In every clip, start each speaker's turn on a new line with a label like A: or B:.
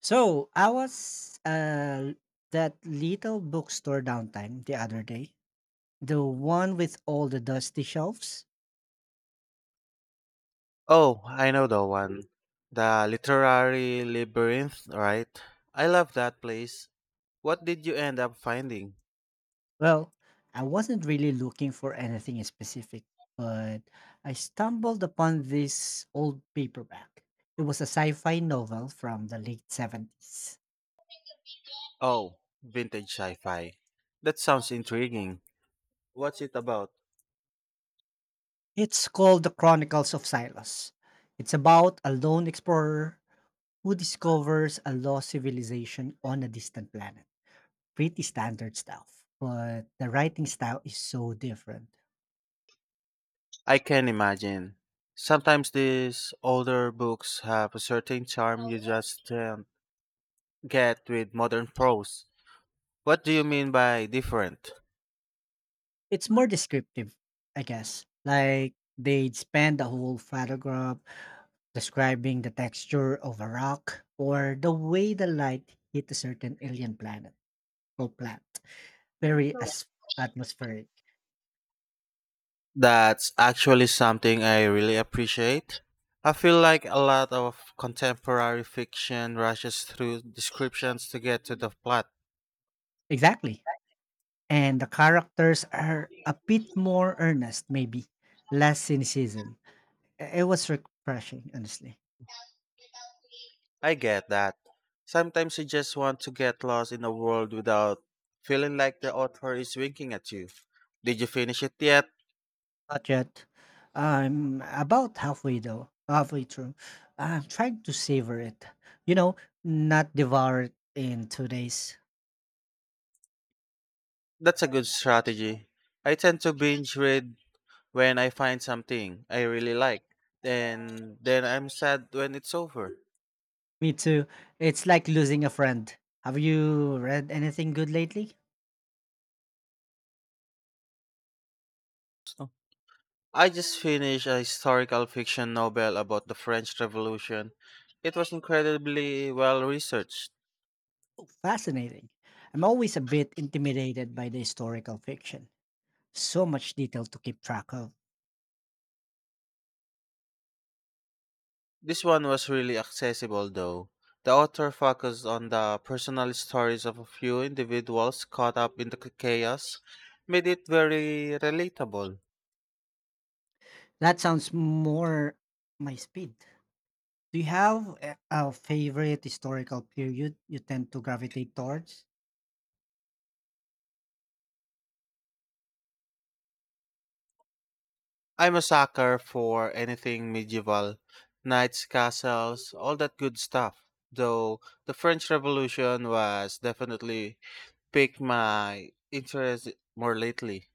A: So I was that little bookstore downtown the other day. The one with all the dusty shelves.
B: Oh, I know the one. The Literary Labyrinth, right? I love that place. What did you end up finding?
A: Well, I wasn't really looking for anything specific, but I stumbled upon this old paperback. It was a sci-fi novel from the late 70s.
B: Oh, vintage sci fi. That sounds intriguing. What's it about?
A: It's called The Chronicles of Silos. It's about a lone explorer who discovers a lost civilization on a distant planet. Pretty standard stuff, but the writing style is so different.
B: I can imagine. Sometimes these older books have a certain charm you just can't get with modern prose. What do you mean by different?
A: It's more descriptive, I guess. Like they'd spend the whole paragraph describing the texture of a rock or the way the light hit a certain alien planet or plant. Very atmospheric.
B: That's actually something I really appreciate. I feel like a lot of contemporary fiction rushes through descriptions to get to the plot.
A: Exactly. And the characters are a bit more earnest, maybe less cynicism. It was refreshing, honestly.
B: I get that. Sometimes you just want to get lost in a world without feeling like the author is winking at you. Did you finish it yet?
A: Not yet. I'm about halfway through. I'm trying to savor it, you know, not devour it in 2 days.
B: That's a good strategy. I tend to binge read when I find something I really like, and then I'm sad when it's over.
A: Me too. It's like losing a friend. Have you read anything good lately?
B: I just finished a historical fiction novel about the French Revolution. It was incredibly well researched.
A: Fascinating. I'm always a bit intimidated by the historical fiction. So much detail to keep track of.
B: This one was really accessible, though. The author focused on the personal stories of a few individuals caught up in the chaos, made it very relatable.
A: That sounds more my speed. Do you have a favorite historical period you tend to gravitate towards?
B: I'm a sucker for anything medieval, knights, castles, all that good stuff. Though the French Revolution was definitely piqued my interest more lately.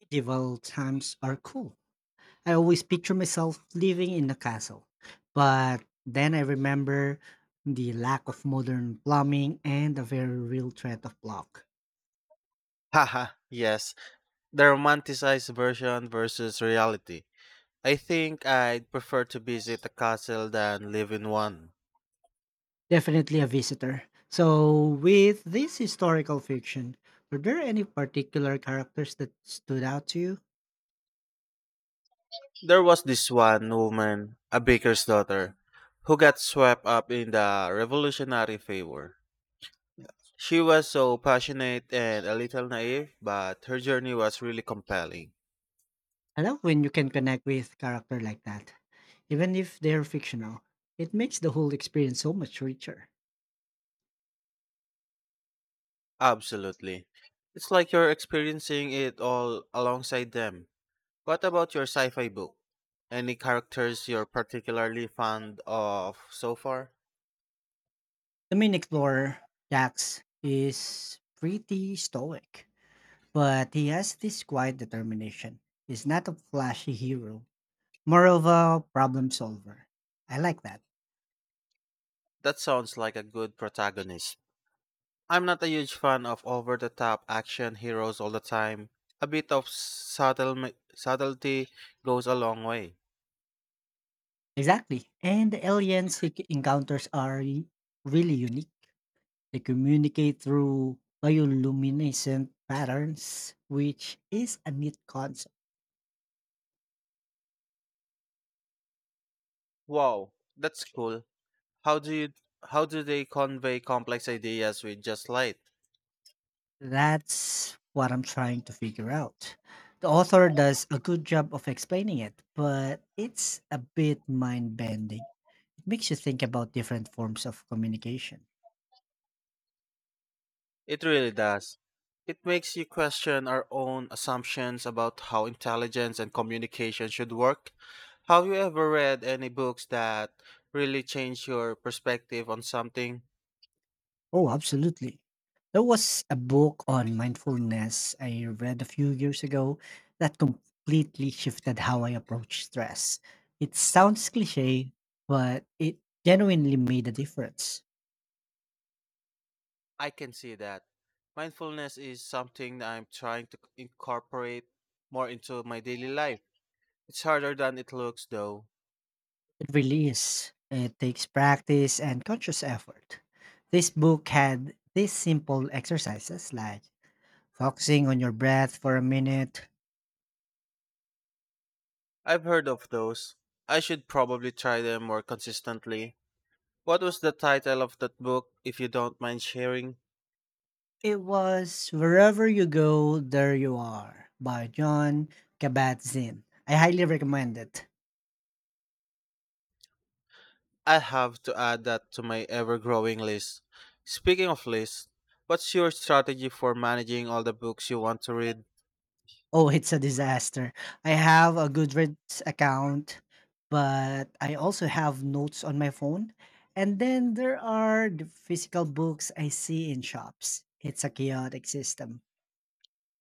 A: Medieval times are cool. I always picture myself living in a castle. But then I remember the lack of modern plumbing and a very real threat of block.
B: Haha, yes. The romanticized version versus reality. I think I'd prefer to visit a castle than live in one.
A: Definitely a visitor. So, with this historical fiction, were there any particular characters that stood out to you?
B: There was this one woman, a baker's daughter, who got swept up in the revolutionary fever. She was so passionate and a little naive, but her journey was really compelling.
A: I love when you can connect with character like that, even if they're fictional. It makes the whole experience so much richer.
B: Absolutely. It's like you're experiencing it all alongside them. What about your sci-fi book? Any characters you're particularly fond of so far?
A: The main explorer, Dax, is pretty stoic, but he has this quiet determination. He's not a flashy hero, more of a problem solver. I like that.
B: That sounds like a good protagonist. I'm not a huge fan of over-the-top action heroes all the time. A bit of subtlety goes a long way.
A: Exactly. And the aliens he encounters are really unique. They communicate through bioluminescent patterns, which is a neat concept.
B: Wow, that's cool. How do you how do they convey complex ideas with just light?
A: That's what I'm trying to figure out. The author does a good job of explaining it, but it's a bit mind bending. It makes you think about different forms of communication.
B: It really does. It makes you question our own assumptions about how intelligence and communication should work. Have you ever read any books that really change your perspective on something?
A: Oh, absolutely. There was a book on mindfulness I read a few years ago that completely shifted how I approach stress. It sounds cliche, but it genuinely made a difference.
B: I can see that. Mindfulness is something that I'm trying to incorporate more into my daily life. It's harder than it looks, though.
A: It really is. It takes practice and conscious effort. This book had these simple exercises like focusing on your breath for a minute.
B: I've heard of those. I should probably try them more consistently. What was the title of that book, if you don't mind sharing?
A: It was Wherever You Go, There You Are by John Kabat Zinn. I highly recommend it.
B: I'll have to add that to my ever growing list. Speaking of lists, what's your strategy for managing all the books you want to read?
A: Oh, it's a disaster. I have a Goodreads account, but I also have notes on my phone. And then there are the physical books I see in shops. It's a chaotic system.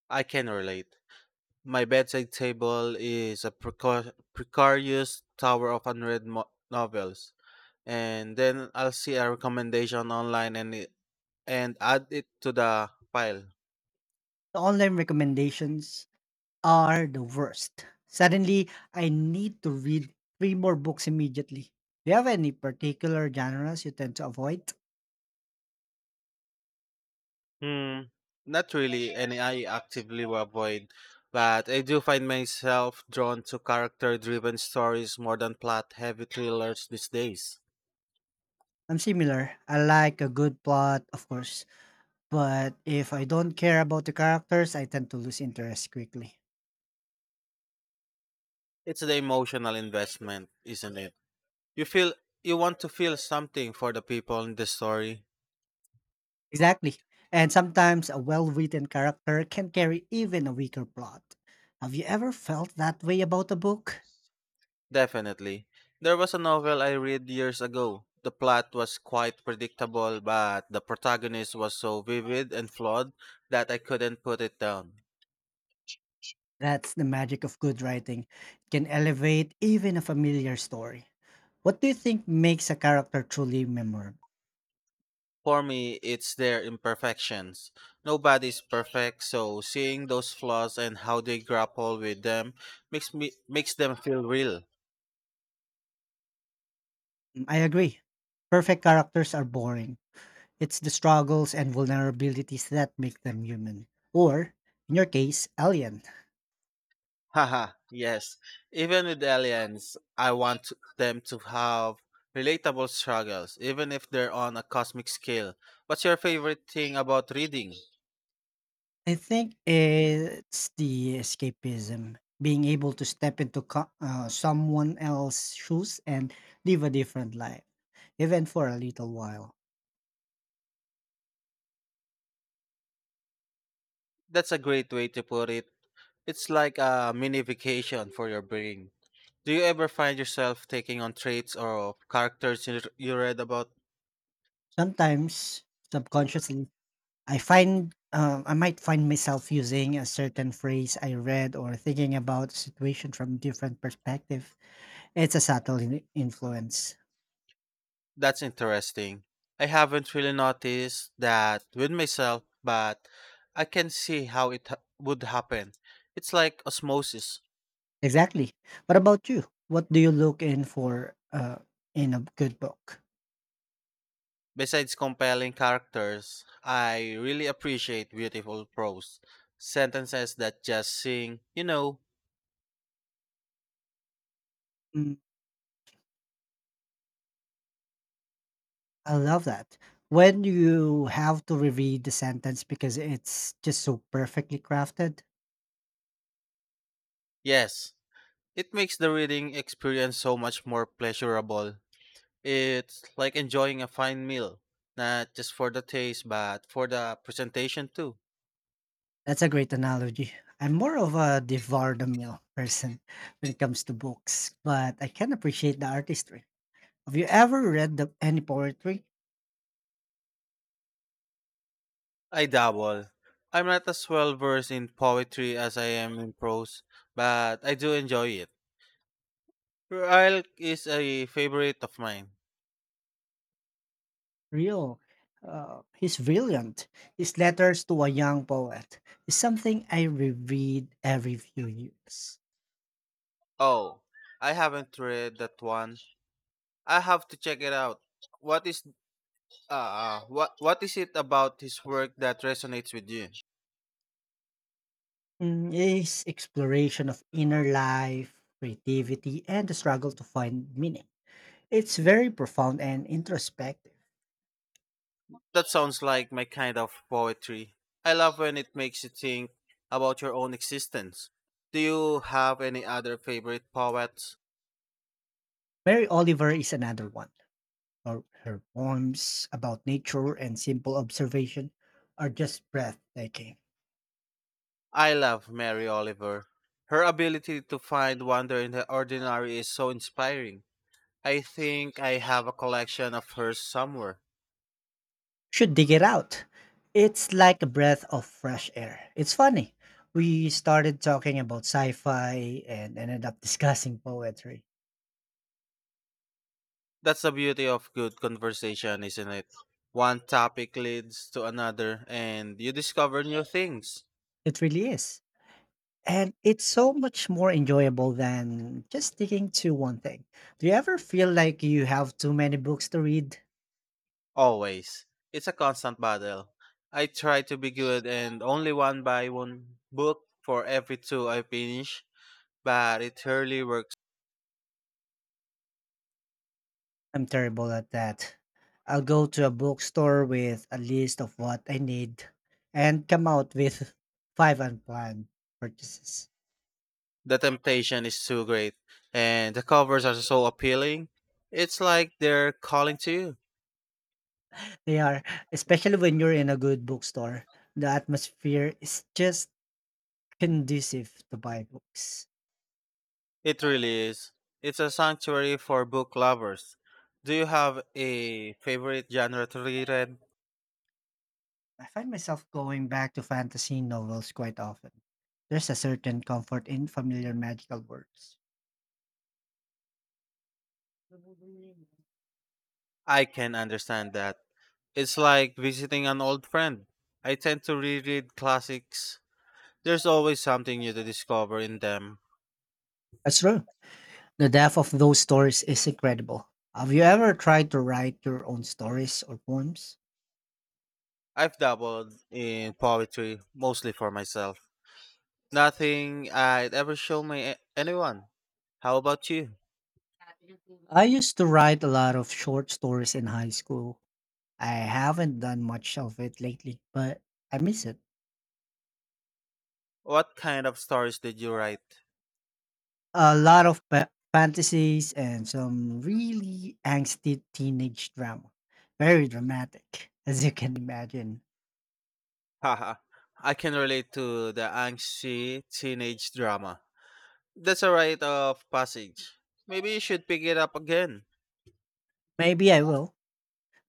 B: I can relate. My bedside table is a precarious tower of unread novels, and then I'll see a recommendation online and add it to the pile.
A: Online recommendations are the worst. Suddenly, I need to read three more books immediately. Do you have any particular genres you tend to avoid?
B: Hmm, not really, and I actively avoid, but I do find myself drawn to character-driven stories more than plot-heavy thrillers these days.
A: I'm similar. I like a good plot, of course, but if I don't care about the characters, I tend to lose interest quickly.
B: It's the emotional investment, isn't it? You feel you want to feel something for the people in the story.
A: Exactly. And sometimes a well written character can carry even a weaker plot. Have you ever felt that way about a book?
B: Definitely. There was a novel I read years ago. The plot was quite predictable, but the protagonist was so vivid and flawed that I couldn't put it down.
A: That's the magic of good writing. It can elevate even a familiar story. What do you think makes a character truly memorable?
B: For me, it's their imperfections. Nobody's perfect, so seeing those flaws and how they grapple with them makes them feel real.
A: Mm, I agree. Perfect characters are boring. It's the struggles and vulnerabilities that make them human. Or, in your case, alien.
B: Haha, yes. Even with aliens, I want them to have relatable struggles, even if they're on a cosmic scale. What's your favorite thing about reading?
A: I think it's the escapism, being able to step into someone else's shoes and live a different life, even for a little while.
B: That's a great way to put it. It's like a mini vacation for your brain. Do you ever find yourself taking on traits or characters you read about?
A: Sometimes, subconsciously, I might find myself using a certain phrase I read or thinking about a situation from different perspective. It's a subtle influence.
B: That's interesting. I haven't really noticed that with myself, but I can see how it would happen. It's like osmosis.
A: Exactly. What about you? What do you look in for in a good book?
B: Besides compelling characters, I really appreciate beautiful prose. Sentences that just sing, you know,
A: Mm, I love that. When you have to reread the sentence because it's just so perfectly crafted.
B: yes. It makes the reading experience so much more pleasurable. It's like enjoying a fine meal, not just for the taste, but for the presentation too.
A: That's a great analogy. I'm more of a devour the meal person when it comes to books, but I can appreciate the artistry. Have you ever read any poetry?
B: I dabble. I'm not as well versed in poetry as I am in prose, but I do enjoy it. Rilke is a favorite of mine.
A: Real. He's brilliant. His letters to a young poet is something I reread every few years.
B: Oh, I haven't read that one. I have to check it out. What is what is it about his work that resonates with you?
A: His exploration of inner life, creativity, and the struggle to find meaning. It's very profound and introspective.
B: That sounds like my kind of poetry. I love when it makes you think about your own existence. Do you have any other favorite poets?
A: Mary Oliver is another one. Her poems about nature and simple observation are just breathtaking.
B: I love Mary Oliver. Her ability to find wonder in the ordinary is so inspiring. I think I have a collection of hers somewhere.
A: Should dig it out. It's like a breath of fresh air. It's funny. We started talking about sci fi and ended up discussing poetry.
B: That's the beauty of good conversation, isn't it? One topic leads to another, and you discover new things.
A: It really is. And it's so much more enjoyable than just sticking to one thing. Do you ever feel like you have too many books to read?
B: Always. It's a constant battle. I try to be good and only one by one book for every two I finish, but it rarely works.
A: I'm terrible at that. I'll go to a bookstore with a list of what I need and come out with five unplanned purchases.
B: The temptation is too great, and the covers are so appealing. It's like they're calling to you.
A: They are, especially when you're in a good bookstore. The atmosphere is just conducive to buy books.
B: It really is. It's a sanctuary for book lovers. Do you have a favorite genre to reread?
A: I find myself going back to fantasy novels quite often. There's a certain comfort in familiar magical words.
B: I can understand that. It's like visiting an old friend. I tend to reread classics. There's always something new to discover in them.
A: That's true. The depth of those stories is incredible. Have you ever tried to write your own stories or poems?
B: I've dabbled in poetry, mostly for myself. Nothing I'd ever show my anyone. How about you?
A: I used to write a lot of short stories in high school. I haven't done much of it lately, but I miss it.
B: What kind of stories did you write?
A: A lot of fantasies and some really angsty teenage drama. Very dramatic, as you can imagine.
B: Haha. I can relate to the angsty teenage drama. That's a rite of passage. Maybe you should pick it up again.
A: Maybe I will.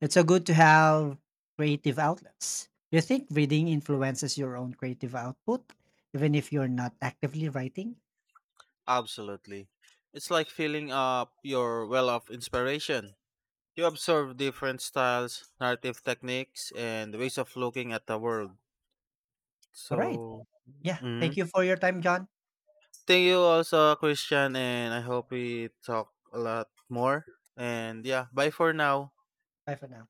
A: It's so good to have creative outlets. Do you think reading influences your own creative output, even if you're not actively writing?
B: Absolutely. It's like filling up your well of inspiration. You observe different styles, narrative techniques, and ways of looking at the world.
A: All right.
B: So,
A: Yeah.
B: mm
A: Thank you for your time, John.
B: thank you also, Christian, and I hope we talk a lot more. And yeah, bye for now.
A: Bye for now.